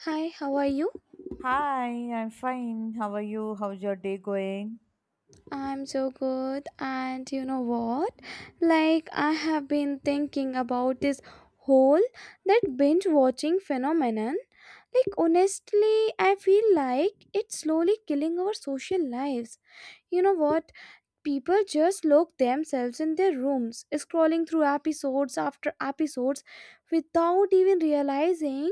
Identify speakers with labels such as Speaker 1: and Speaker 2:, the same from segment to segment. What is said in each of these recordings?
Speaker 1: Hi, how are you?
Speaker 2: Hi, I'm fine. How are you? How's your day going?
Speaker 1: I'm so good, and you know what? Like, I have been thinking about this whole that binge watching phenomenon. Like, honestly, I feel like it's slowly killing our social lives. You know what? People just lock themselves in their rooms, scrolling through episodes after episodes without even realizing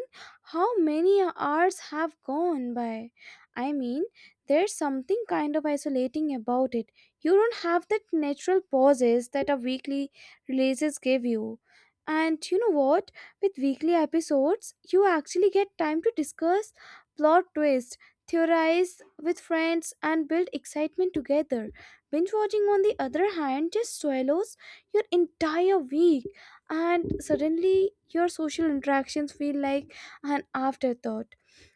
Speaker 1: how many hours have gone by. I mean, there's something kind of isolating about it. You don't have that natural pauses that a weekly releases give you. And you know what? With weekly episodes, you actually get time to discuss plot twists, theorize with friends, and build excitement together. Binge watching, on the other hand, just swallows your entire week, and suddenly your social interactions feel like an afterthought.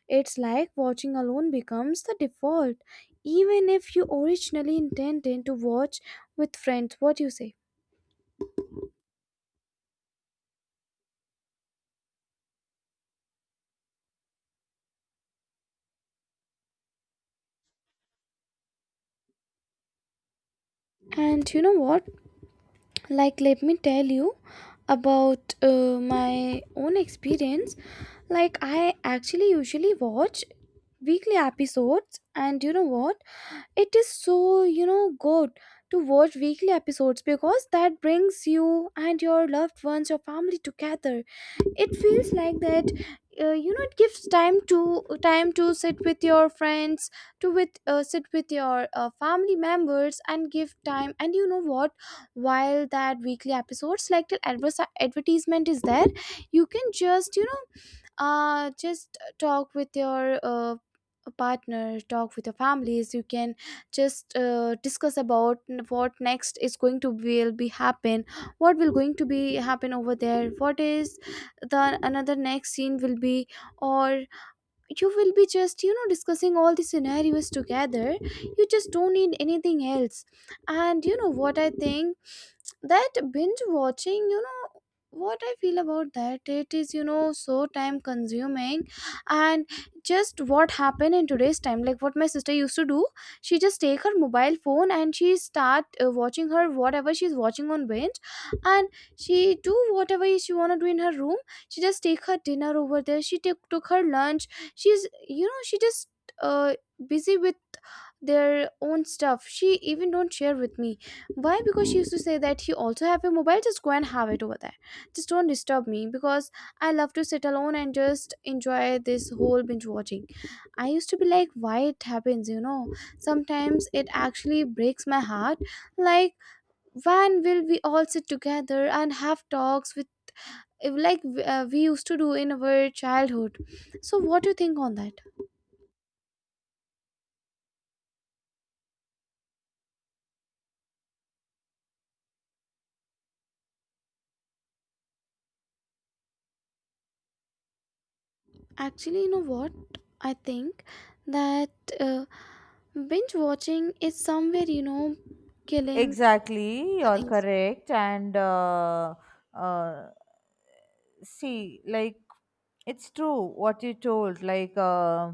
Speaker 1: It's like watching alone becomes the default, even if you originally intended to watch with friends. What do you say? And you know what? Like, let me tell you about my own experience. Like, I actually usually watch weekly episodes, and you know what, it is so, you know, good to watch weekly episodes, because that brings you and your loved ones, your family together. It feels like that, you know, it gives time to sit with your friends, to with sit with your family members and give time. And you know what, while that weekly episodes, like adverse advertisement is there, you can just, you know, just talk with your partner, talk with your families. You can just discuss about what next is going to will be happen, what will going to be happen over there, what is the another next scene will be, or you will be just, you know, discussing all the scenarios together. You just don't need anything else. And you know what, I think that binge watching, you know what I feel about that, it is, you know, so time consuming. And just what happened in today's time, like what my sister used to do, she just take her mobile phone and she start watching her, whatever she's watching on binge. And she do whatever she want to do in her room. She just take her dinner over there, she took her lunch. She's, you know, she just uh busy with their own stuff. She even don't share with me. Why? Because she used to say that you also have a mobile, just go and have it over there, just don't disturb me, because I love to sit alone and just enjoy this whole binge watching. I used to be like, why it happens, you know? Sometimes it actually breaks my heart. Like, when will we all sit together and have talks with, like, we used to do in our childhood. So what do you think on that? Actually, you know what? I think that uh, binge watching is somewhere, you know, killing
Speaker 2: Exactly,
Speaker 1: the
Speaker 2: you're
Speaker 1: things.
Speaker 2: correct. And uh, see, it's true what you told.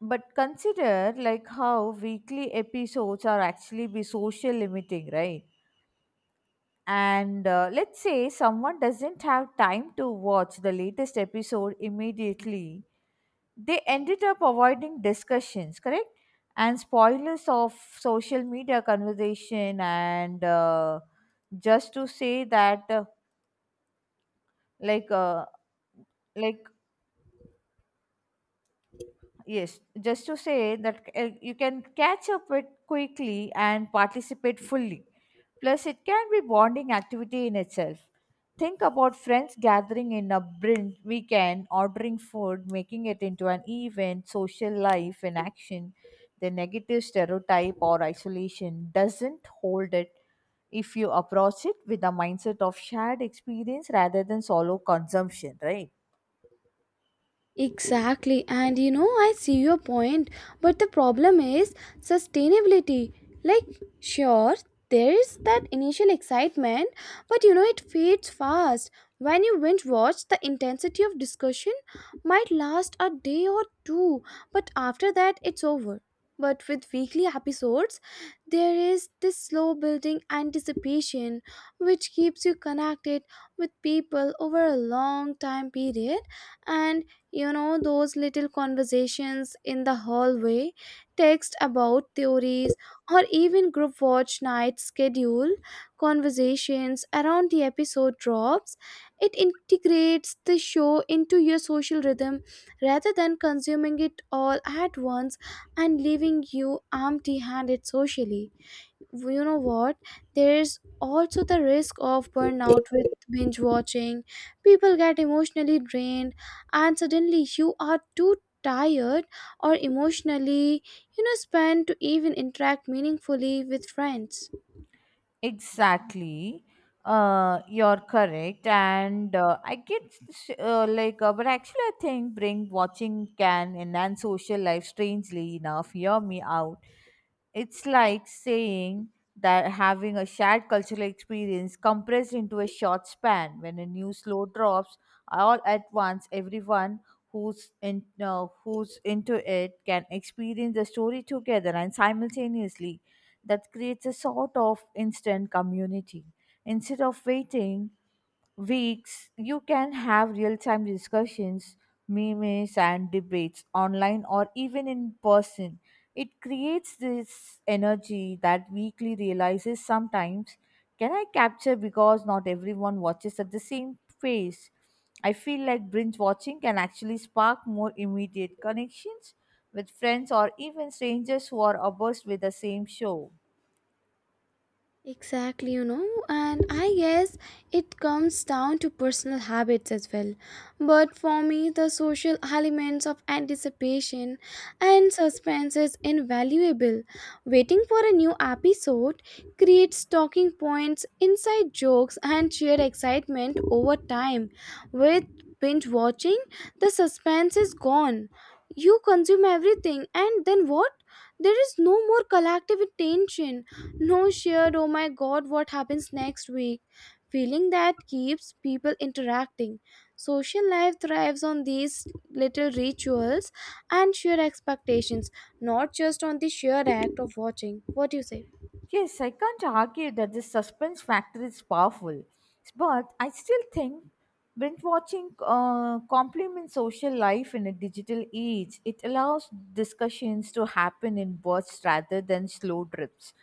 Speaker 2: But consider like how weekly episodes are actually be social limiting, right? And let's say someone doesn't have time to watch the latest episode immediately, they ended up avoiding discussions, correct, and spoilers of social media conversation, and just to say that like uh, like Yes, just to say that you can catch up with quickly and participate fully. Plus, it can be bonding activity in itself. Think about friends gathering in a brunch weekend, ordering food, making it into an event, social life in action. The negative stereotype or isolation doesn't hold it if you approach it with a mindset of shared experience rather than solo consumption, right?
Speaker 1: Exactly, and you know, I see your point, but the problem is sustainability. Like, sure, there is that initial excitement, but you know, it fades fast. When you binge watch, the intensity of discussion might last a day or two, but after that, it's over. But with weekly episodes, there is this slow building anticipation which keeps you connected with people over a long time period. And you know those little conversations in the hallway, text about theories, or even group watch night schedule conversations around the episode drops, it integrates the show into your social rhythm rather than consuming it all at once and leaving you empty handed socially. Well, you know what, there's also the risk of burnout with binge watching. People get emotionally drained, and suddenly you are too tired or emotionally, you know, spent to even interact meaningfully with friends.
Speaker 2: Exactly. You're correct, and I get but actually, I think bring watching can enhance social life. Strangely enough, hear me out. It's like saying that having a shared cultural experience compressed into a short span. When a new slow drops, all at once, everyone who's into it can experience the story together and simultaneously. That creates a sort of instant community. Instead of waiting weeks, you can have real time discussions, memes, and debates online or even in person. It creates this energy that weekly realizes sometimes can I capture because not everyone watches at the same pace. I feel like binge watching can actually spark more immediate connections with friends or even strangers who are obsessed with the same show.
Speaker 1: Exactly, you know, and I guess it comes down to personal habits as well. But for me, the social elements of anticipation and suspense is invaluable. Waiting for a new episode creates talking points, inside jokes, and shared excitement over time. With binge watching, the suspense is gone. You consume everything, and then what? There is no more collective attention, no shared, oh my god, what happens next week feeling that keeps people interacting. Social life thrives on these little rituals and shared expectations, not just on the sheer act of watching. What do you say?
Speaker 2: Yes, I can't argue that the suspense factor is powerful, but I still think binge watching complements social life in a digital age. It allows discussions to happen in bursts rather than slow drips.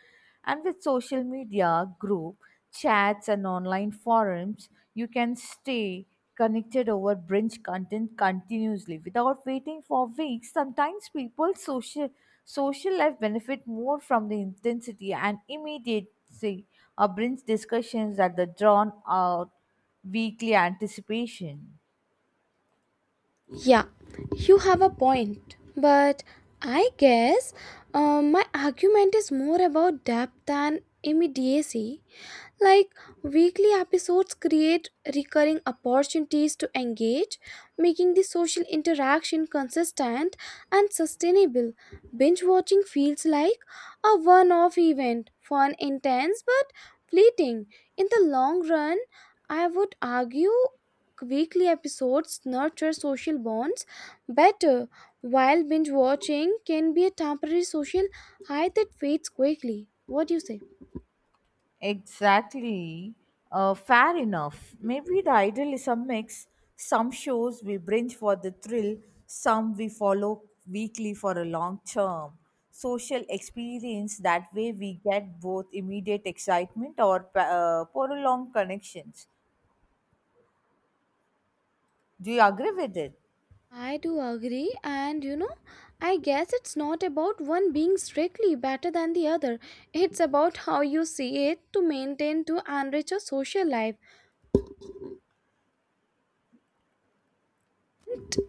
Speaker 2: And with social media, group chats, and online forums, you can stay connected over binge content continuously without waiting for weeks. Sometimes people's social life benefit more from the intensity and immediacy of binge discussions than the drawn out weekly anticipation.
Speaker 1: Yeah, you have a point, but I guess, my argument is more about depth than immediacy. Like, weekly episodes create recurring opportunities to engage, making the social interaction consistent and sustainable. Binge watching feels like a one off event, fun, intense, but fleeting. In the long run, I would argue weekly episodes nurture social bonds better, while binge watching can be a temporary social high that fades quickly. What do you say?
Speaker 2: Exactly. Fair enough. Maybe the ideal is a mix. Some shows we binge for the thrill, some we follow weekly for a long term social experience. That way, we get both immediate excitement or prolonged connections. Do you agree with it?
Speaker 1: I do agree, and you know, I guess it's not about one being strictly better than the other. It's about how you see it to maintain to enrich your social life.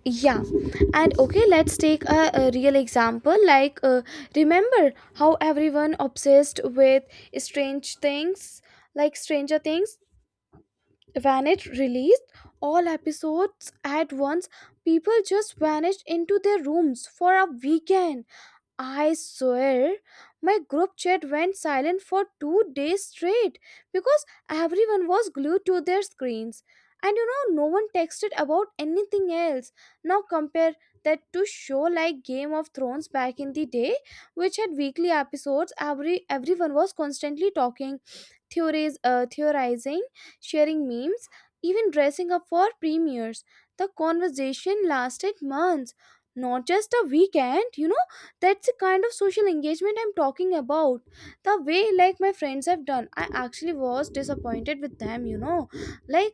Speaker 1: Yeah, and okay, let's take a real example. Like, remember how everyone obsessed with strange things, like Stranger Things? When it released all episodes at once. People just vanished into their rooms for a weekend. I swear, my group chat went silent for 2 days straight because everyone was glued to their screens. And you know, no one texted about anything else. Now compare that to show like Game of Thrones back in the day, which had weekly episodes. Everyone was constantly talking, theories, theorizing, sharing memes, even dressing up for premieres. The conversation lasted months, not just a weekend. You know, that's the kind of social engagement I'm talking about. The way, like, my friends have done, I actually was disappointed with them, you know. Like,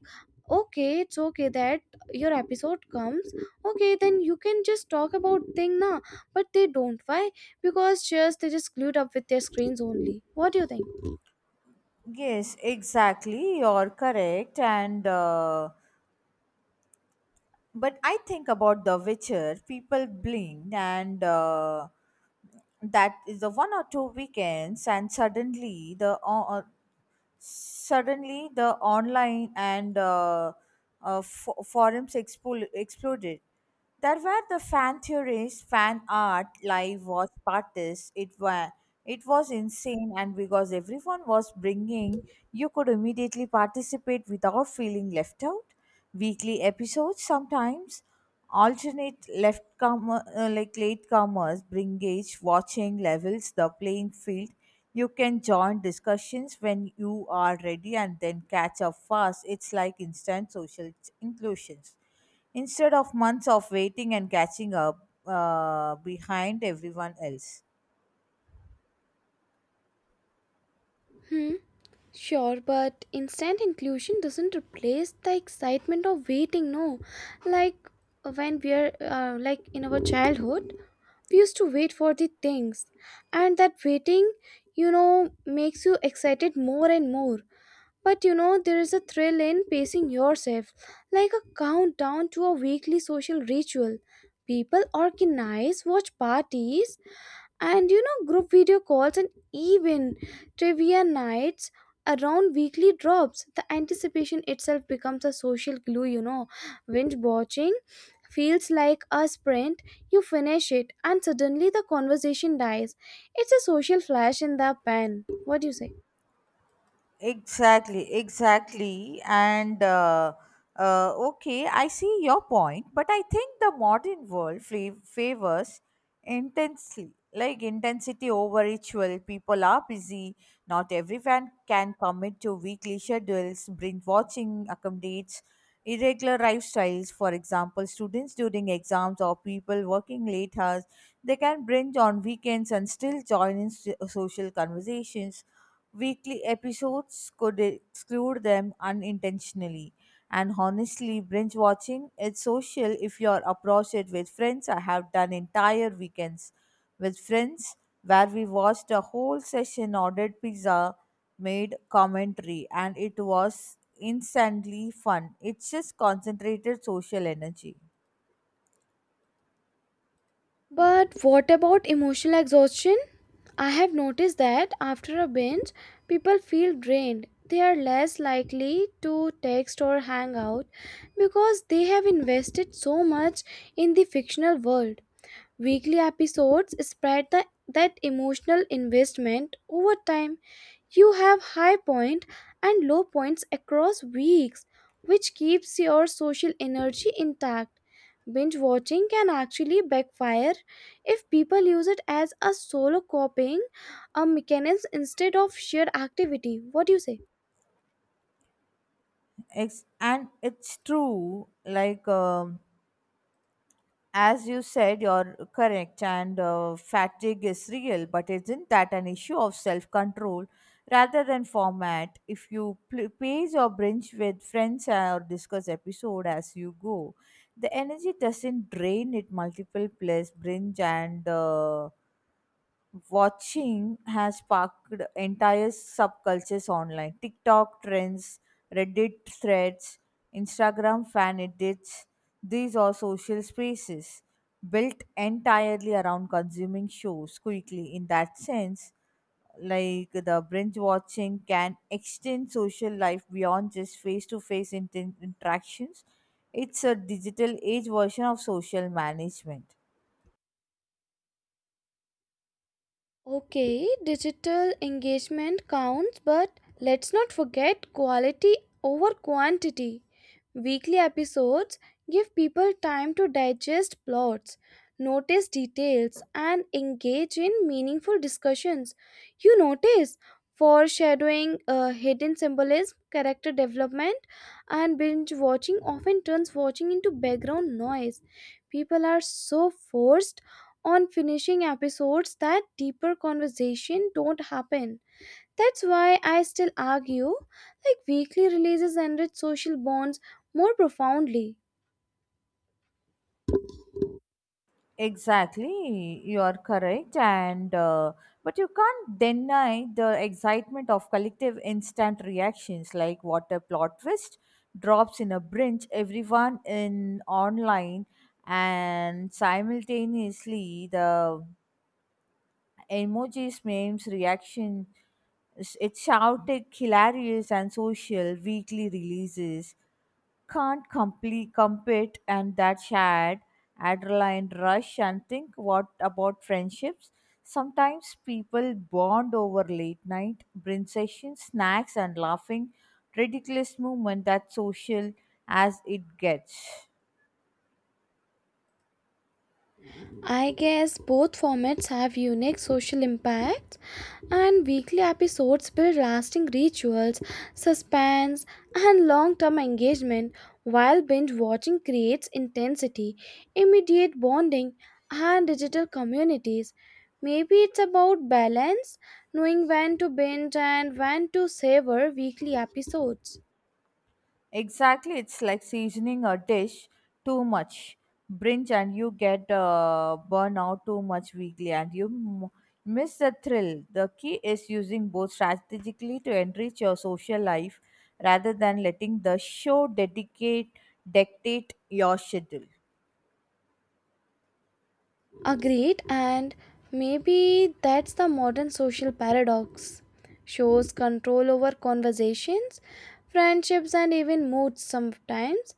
Speaker 1: okay, it's okay that your episode comes. Okay, then you can just talk about thing na. But they don't. Why? Because just they just glued up with their screens only. What do you think?
Speaker 2: Yes, exactly. You're correct. And But I think about The Witcher, people blinked, and that is the one or two weekends, and suddenly the suddenly, the online and forums exploded. There were the fan theories, fan art, live watch parties. It was insane, and because everyone was bringing, you could immediately participate without feeling left out. Weekly episodes sometimes alternate left comer, latecomers bring gauge watching levels the playing field, you can join discussions when you are ready and then catch up fast. It's like instant social inclusions instead of months of waiting and catching up behind everyone else.
Speaker 1: Hmm. Sure, but instant inclusion doesn't replace the excitement of waiting, no. Like, when we're like in our childhood, we used to wait for the things, and that waiting, you know, makes you excited more and more. But you know, there is a thrill in pacing yourself, like a countdown to a weekly social ritual. People organize watch parties, and you know, group video calls and even trivia nights around weekly drops. The anticipation itself becomes a social glue, you know. Binge watching feels like a sprint. You finish it and suddenly the conversation dies. It's a social flash in the pan. What do you say?
Speaker 2: Exactly, exactly. And okay, I see your point, but I think the modern world favors intensely, like intensity over ritual. People are busy. Not everyone can commit to weekly schedules. Binge watching accommodates irregular lifestyles. For example, students during exams or people working late hours, they can binge on weekends and still join in social conversations. Weekly episodes could exclude them unintentionally. And honestly, binge watching it's social if you're approach it with friends. I have done entire weekends with friends where we watched a whole session, ordered pizza, made commentary, and it was instantly fun. It's just concentrated social energy.
Speaker 1: But what about emotional exhaustion? I have noticed that after a binge, people feel drained. They are less likely to text or hang out because they have invested so much in the fictional world. Weekly episodes spread that emotional investment over time. You have high point and low points across weeks, which keeps your social energy intact. Binge watching can actually backfire if people use it as a solo coping a mechanism instead of shared activity. What do you say?
Speaker 2: And it's true, as you said, you're correct, and fatigue is real, but isn't that an issue of self control rather than format? If you pace or binge with friends or discuss episode as you go, the energy doesn't drain it multiple plus binge and watching has sparked entire subcultures online. TikTok trends, Reddit threads, Instagram fan edits, these are social spaces built entirely around consuming shows quickly. In that sense, like the binge watching can extend social life beyond just face to face interactions. It's a digital age version of social management.
Speaker 1: Okay, digital engagement counts, but let's not forget quality over quantity. Weekly episodes give people time to digest plots, notice details, and engage in meaningful discussions. You notice foreshadowing, hidden symbolism, character development, and binge watching often turns watching into background noise. People are so forced on finishing episodes that deeper conversation don't happen. That's why I still argue like weekly releases enrich social bonds more profoundly.
Speaker 2: Exactly, you are correct, and but you can't deny the excitement of collective instant reactions, like what a plot twist drops in a brinch, everyone in online, and simultaneously the emojis, memes, reaction. It's shouted, hilarious, and social. Weekly releases can't complete compete and that shared adrenaline rush, and think what about friendships. Sometimes people bond over late night brunch sessions, snacks, and laughing ridiculous movement, that social as it gets.
Speaker 1: I guess both formats have unique social impacts, and weekly episodes build lasting rituals, suspense, and long term engagement, while binge watching creates intensity, immediate bonding, and digital communities. Maybe it's about balance, knowing when to binge and when to savor weekly episodes.
Speaker 2: Exactly, it's like seasoning a dish too much, brinch, and you get burnout too much weekly, and you miss the thrill. The key is using both strategically to enrich your social life rather than letting the show dedicate dictate your schedule.
Speaker 1: Agreed, and maybe that's the modern social paradox. Shows control over conversations, friendships, and even moods sometimes.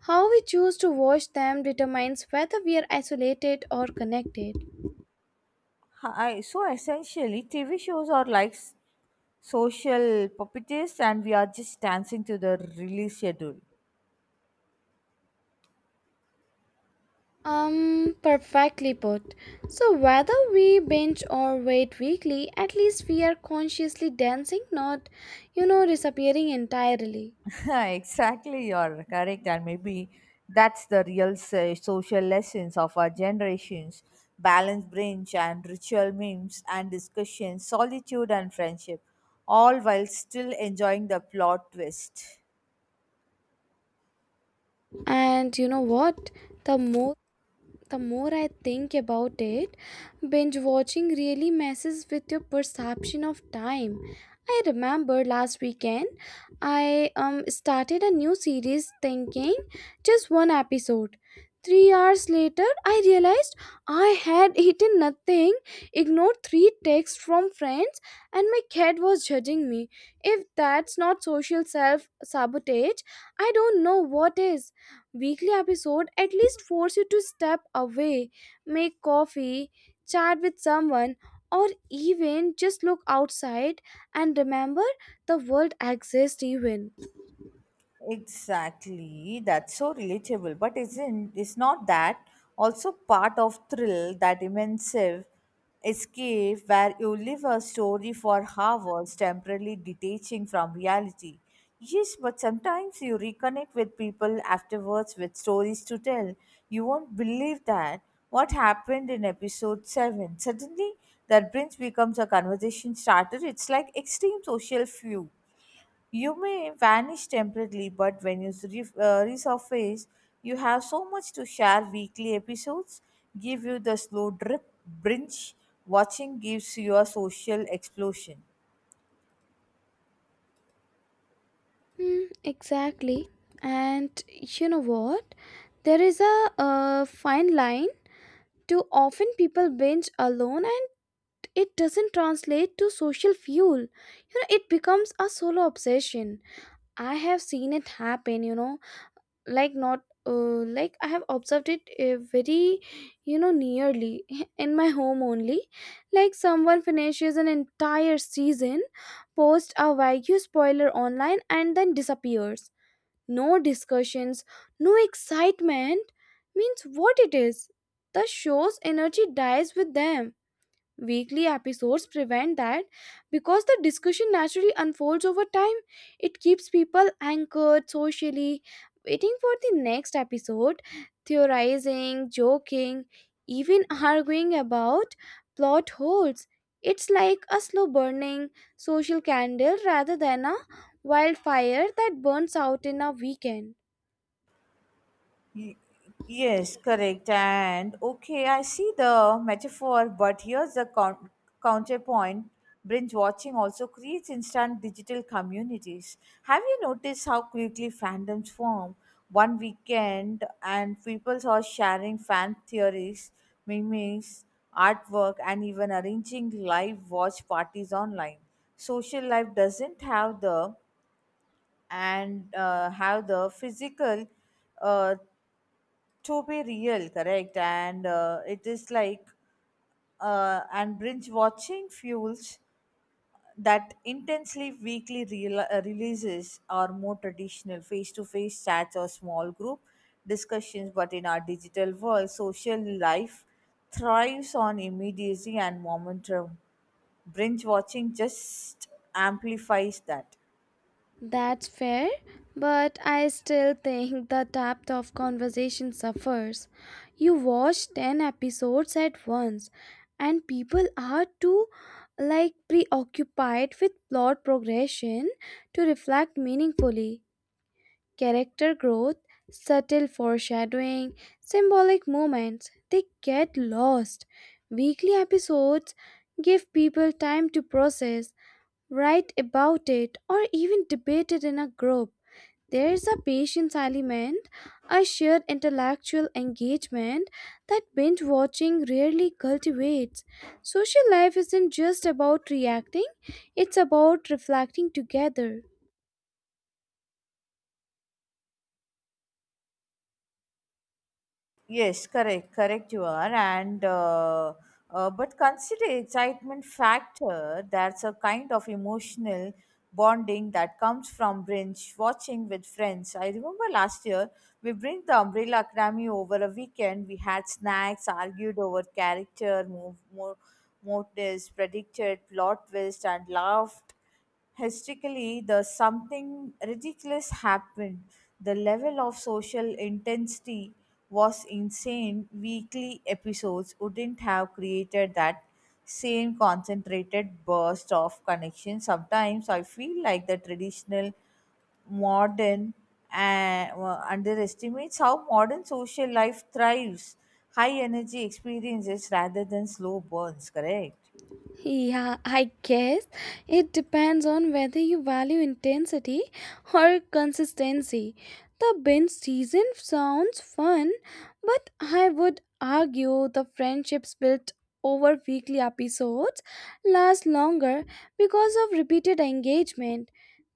Speaker 1: How we choose to watch them determines whether we are isolated or connected.
Speaker 2: Hi, so essentially, TV shows are like social puppeteers, and we are just dancing to the release schedule.
Speaker 1: Perfectly put. So, whether we binge or wait weekly, at least we are consciously dancing, not, you know, disappearing entirely.
Speaker 2: Exactly, you're correct, and maybe that's the real social lessons of our generations: balance, brunch, and ritual memes and discussions, solitude and friendship, all while still enjoying the plot twist.
Speaker 1: And you know what? The more the more I think about it, binge watching really messes with your perception of time. I remember last weekend I started a new series thinking just one episode. 3 hours later I realized I had eaten nothing, ignored 3 texts from friends and my cat was judging me. If that's not social self sabotage, I don't know what is. Weekly episode at least force you to step away, make coffee, chat with someone, or even just look outside and remember the world exists even.
Speaker 2: Exactly. That's so relatable. But isn't it's not that also part of thrill, that immersive escape where you live a story for hours, temporarily detaching from reality? Yes, but sometimes you reconnect with people afterwards with stories to tell. You won't believe that. What happened in episode 7? Suddenly, that bridge becomes a conversation starter. It's like extreme social fuel. You may vanish temporarily, but when you resurface, you have so much to share. Weekly episodes give you the slow drip, binge watching gives you a social explosion.
Speaker 1: Hmm, exactly. And you know what? There is a fine line. Too often people binge alone and it doesn't translate to social fuel. You know, it becomes a solo obsession. I have seen it happen, you know, like not like I have observed it very, you know, nearly in my home only. Like someone finishes an entire season, posts a Wagyu spoiler online, and then disappears. No discussions, no excitement. Means what it is. The show's energy dies with them. Weekly episodes prevent that because the discussion naturally unfolds over time. It keeps people anchored socially, waiting for the next episode, theorizing, joking, even arguing about plot holes. It's like a slow burning social candle rather than a wildfire that burns out in a weekend.
Speaker 2: Y- Yes, correct. And okay, I see the metaphor, but here's the counterpoint. Binge watching also creates instant digital communities. Have you noticed how quickly fandoms form? One weekend, and people are sharing fan theories, memes, artwork, and even arranging live watch parties online. Social life doesn't have the and have the physical uh, to be real, correct, and it is like, and binge watching fuels that intensely. Weekly releases are more traditional face-to-face chats or small group discussions, but in our digital world social life thrives on immediacy and momentum. Binge watching just amplifies that.
Speaker 1: That's fair, but I still think the depth of conversation suffers. You watch 10 episodes at once, and people are too like preoccupied with plot progression to reflect meaningfully. Character growth, subtle foreshadowing, symbolic moments, they get lost. Weekly episodes give people time to process, write about it, or even debate it in a group. There is a patience element, a shared intellectual engagement that binge watching rarely cultivates. Social life isn't just about reacting, it's about reflecting together.
Speaker 2: Yes, correct, correct. You are, and but consider excitement factor. That's a kind of emotional bonding that comes from binge watching with friends. I remember last year we bring the Umbrella Academy over a weekend. We had snacks, argued over character, motives, predicted plot twist, and laughed historically, the something ridiculous happened. The level of social intensity was insane. Weekly episodes wouldn't have created that same concentrated burst of connection. Sometimes I feel like the traditional modern and underestimates how modern social life thrives. High energy experiences rather than slow burns, correct?
Speaker 1: Yeah, I guess it depends on whether you value intensity or consistency. The binge season sounds fun, but I would argue the friendships built over weekly episodes last longer because of repeated engagement.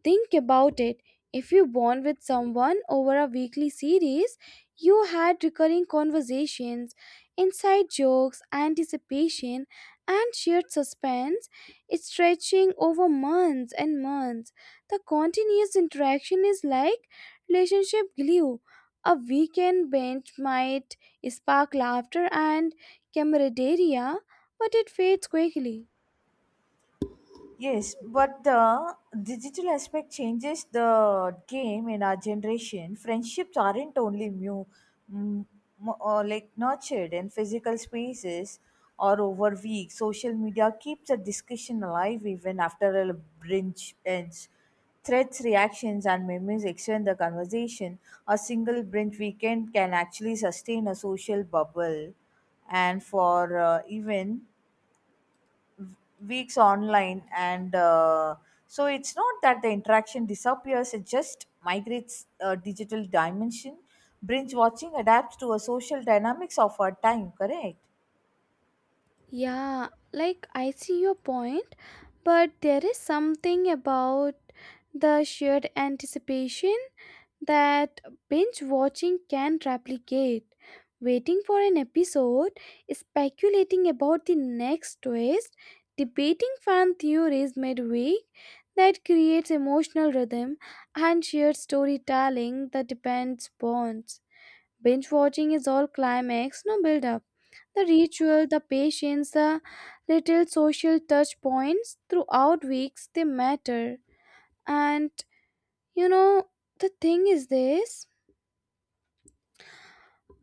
Speaker 1: Think about it. If you bond with someone over a weekly series, you had recurring conversations, inside jokes, anticipation, and shared suspense is stretching over months and months. The continuous interaction is like relationship glue. A weekend bench might spark laughter and camaraderie, but it fades quickly.
Speaker 2: Yes, but the digital aspect changes the game in our generation. Friendships aren't only mu, mm, mo- like nurtured in physical spaces or over weeks. Social media keeps a discussion alive even after a bridge ends. Threats, reactions, and memes extend the conversation. A single binge weekend can actually sustain a social bubble, and for even weeks online, and so it's not that the interaction disappears, it just migrates a digital dimension. Binge watching adapts to a social dynamics of our time, correct?
Speaker 1: Yeah, I see your point, but there is something about the shared anticipation that binge watching can replicate. Waiting for an episode, speculating about the next twist, debating fan theories midweek, that creates emotional rhythm and shared storytelling that depends bonds. Binge watching is all climax, no build up. The ritual, the patience, the little social touch points throughout weeks, they matter. And you know, the thing is this: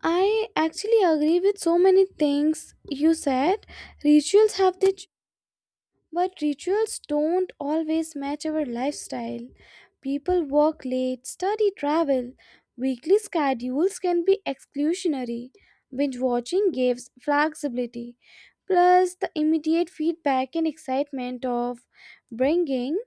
Speaker 1: I actually agree with so many things you said. Rituals have their, but rituals don't always match our lifestyle. People work late, study, travel. Weekly schedules can be exclusionary. Binge watching gives flexibility, plus the immediate feedback and excitement of bringing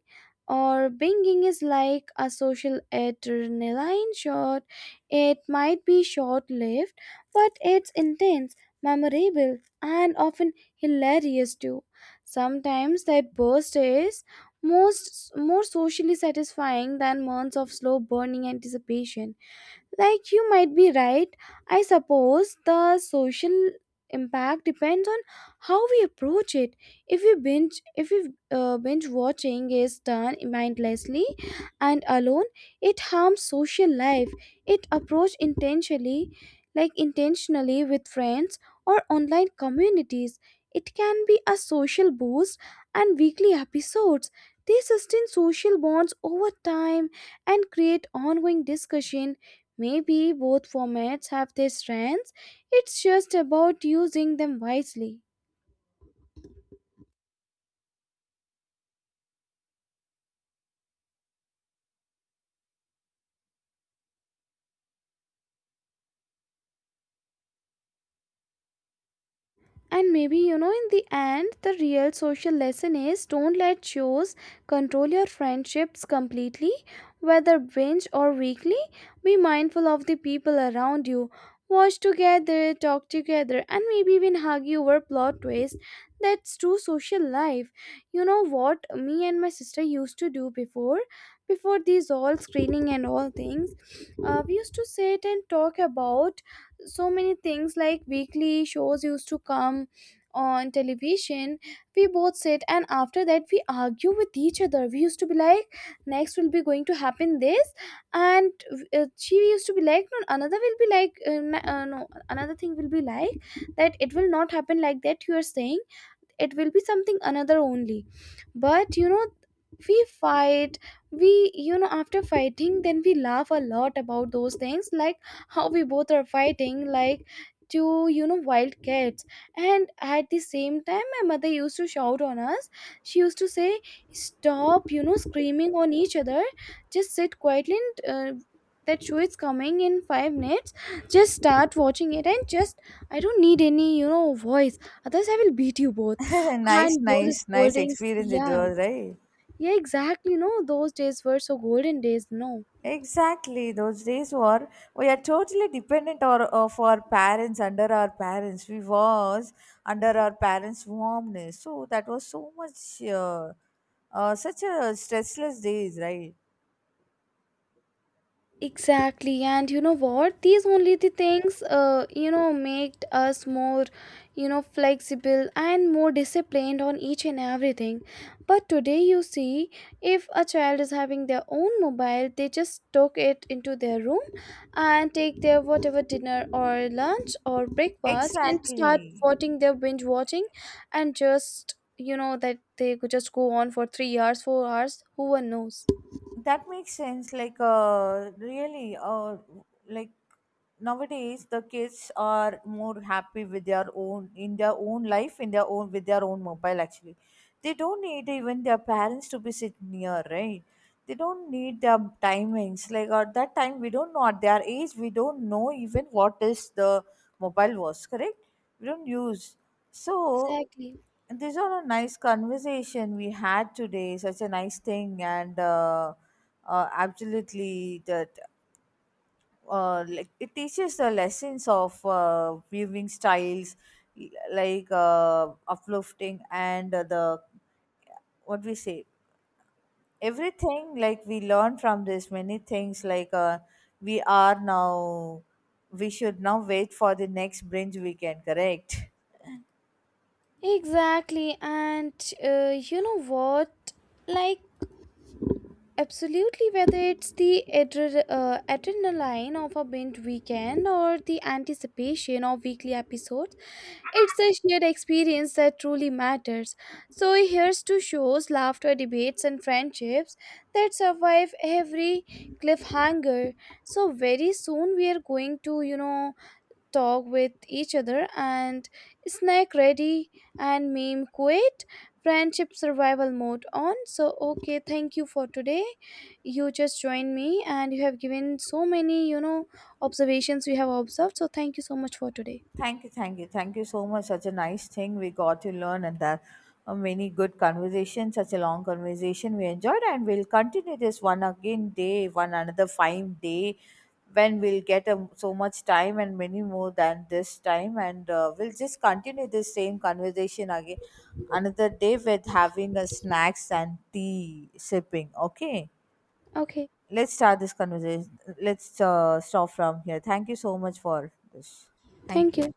Speaker 1: or binging is like a social adrenaline shot. It might be short lived, but it's intense, memorable, and often hilarious too. Sometimes that burst is most more socially satisfying than months of slow burning anticipation. Like, you might be right. I suppose the social impact depends on how we approach it. If we binge watching is done mindlessly and alone, it harms social life. It approached intentionally, like intentionally with friends or online communities. It can be a social boost, and weekly episodes. They sustain social bonds over time and create ongoing discussion. Maybe both formats have their strengths, it's just about using them wisely. And maybe, you know, in the end, the real social lesson is don't let shows control your friendships completely, whether binge or weekly. Be mindful of the people around you. Watch together, talk together, and maybe even hug you over plot twist. That's true social life. You know what me and my sister used to do before? Before these all screening and all things, we used to sit and talk about so many things. Like weekly shows used to come on television, we both sit, and after that we argue with each other. We used to be like, next will be going to happen this, and she used to be like no, another will be like no, another thing will be like that, it will not happen like that you are saying, it will be something another only. But you know, we fight, we, you know, after fighting then we laugh a lot about those things, like how we both are fighting like two, you know, wild cats. And at the same time my mother used to shout on us. She used to say, stop, you know, screaming on each other, just sit quietly, and that show is coming in 5 minutes, just start watching it, and just, I don't need any, you know, voice others, I will beat you both.
Speaker 2: Nice,
Speaker 1: And those
Speaker 2: nice, nice
Speaker 1: scoldings,
Speaker 2: experience it
Speaker 1: yeah.
Speaker 2: was, right?
Speaker 1: Yeah, exactly. No, those days were so golden days, no.
Speaker 2: Exactly, those days were, we are totally dependent or of our parents, under our parents we was, under our parents warmness, so that was so much, such a stressless days, right?
Speaker 1: Exactly, and you know what? These only the things, you know, make us more, you know, flexible and more disciplined on each and everything. But today, you see, if a child is having their own mobile, they just took it into their room and take their whatever dinner or lunch or breakfast and start
Speaker 2: Exactly.
Speaker 1: watching their binge watching, and just, you know, that they could just go on for 3 hours, 4 hours, who one knows.
Speaker 2: That makes sense. Like, really, like Nowadays the kids are more happy with their own, in their own life, in their own with their own mobile. Actually, they don't need even their parents to be sit near, right? They don't need their timings. Like at that time, we don't know, at their age, we don't know even what is the mobile was, correct, we don't use, so
Speaker 1: Exactly.
Speaker 2: these are a nice conversation we had today, such a nice thing, and absolutely that, like it teaches the lessons of viewing styles, uplifting and the what we say, everything, like we learn from this many things, we are now, we should now wait for the next binge weekend, correct?
Speaker 1: Exactly, and you know what? Like, absolutely, whether it's the adrenaline of a binge weekend or the anticipation of weekly episodes, it's the shared experience that truly matters. So, here's to shows, laughter, debates, and friendships that survive every cliffhanger. So, very soon we are going to, you know, talk with each other and snack ready and meme quit, friendship survival mode on. So okay, thank you for today. You just joined me and you have given so many, you know, observations, you have observed, so thank you so much for today.
Speaker 2: Thank you, thank you, thank you so much. Such a nice thing we got to learn, and that, many good conversations. Such a long conversation we enjoyed, and we'll continue this one again day, one another fine day, when we'll get so much time and many more than this time, and we'll just continue this same conversation again another day with having a snacks and tea sipping. Okay,
Speaker 1: Okay,
Speaker 2: let's start this conversation. Let's stop from here. Thank you so much for this. Thank
Speaker 1: thank
Speaker 2: you.
Speaker 1: you.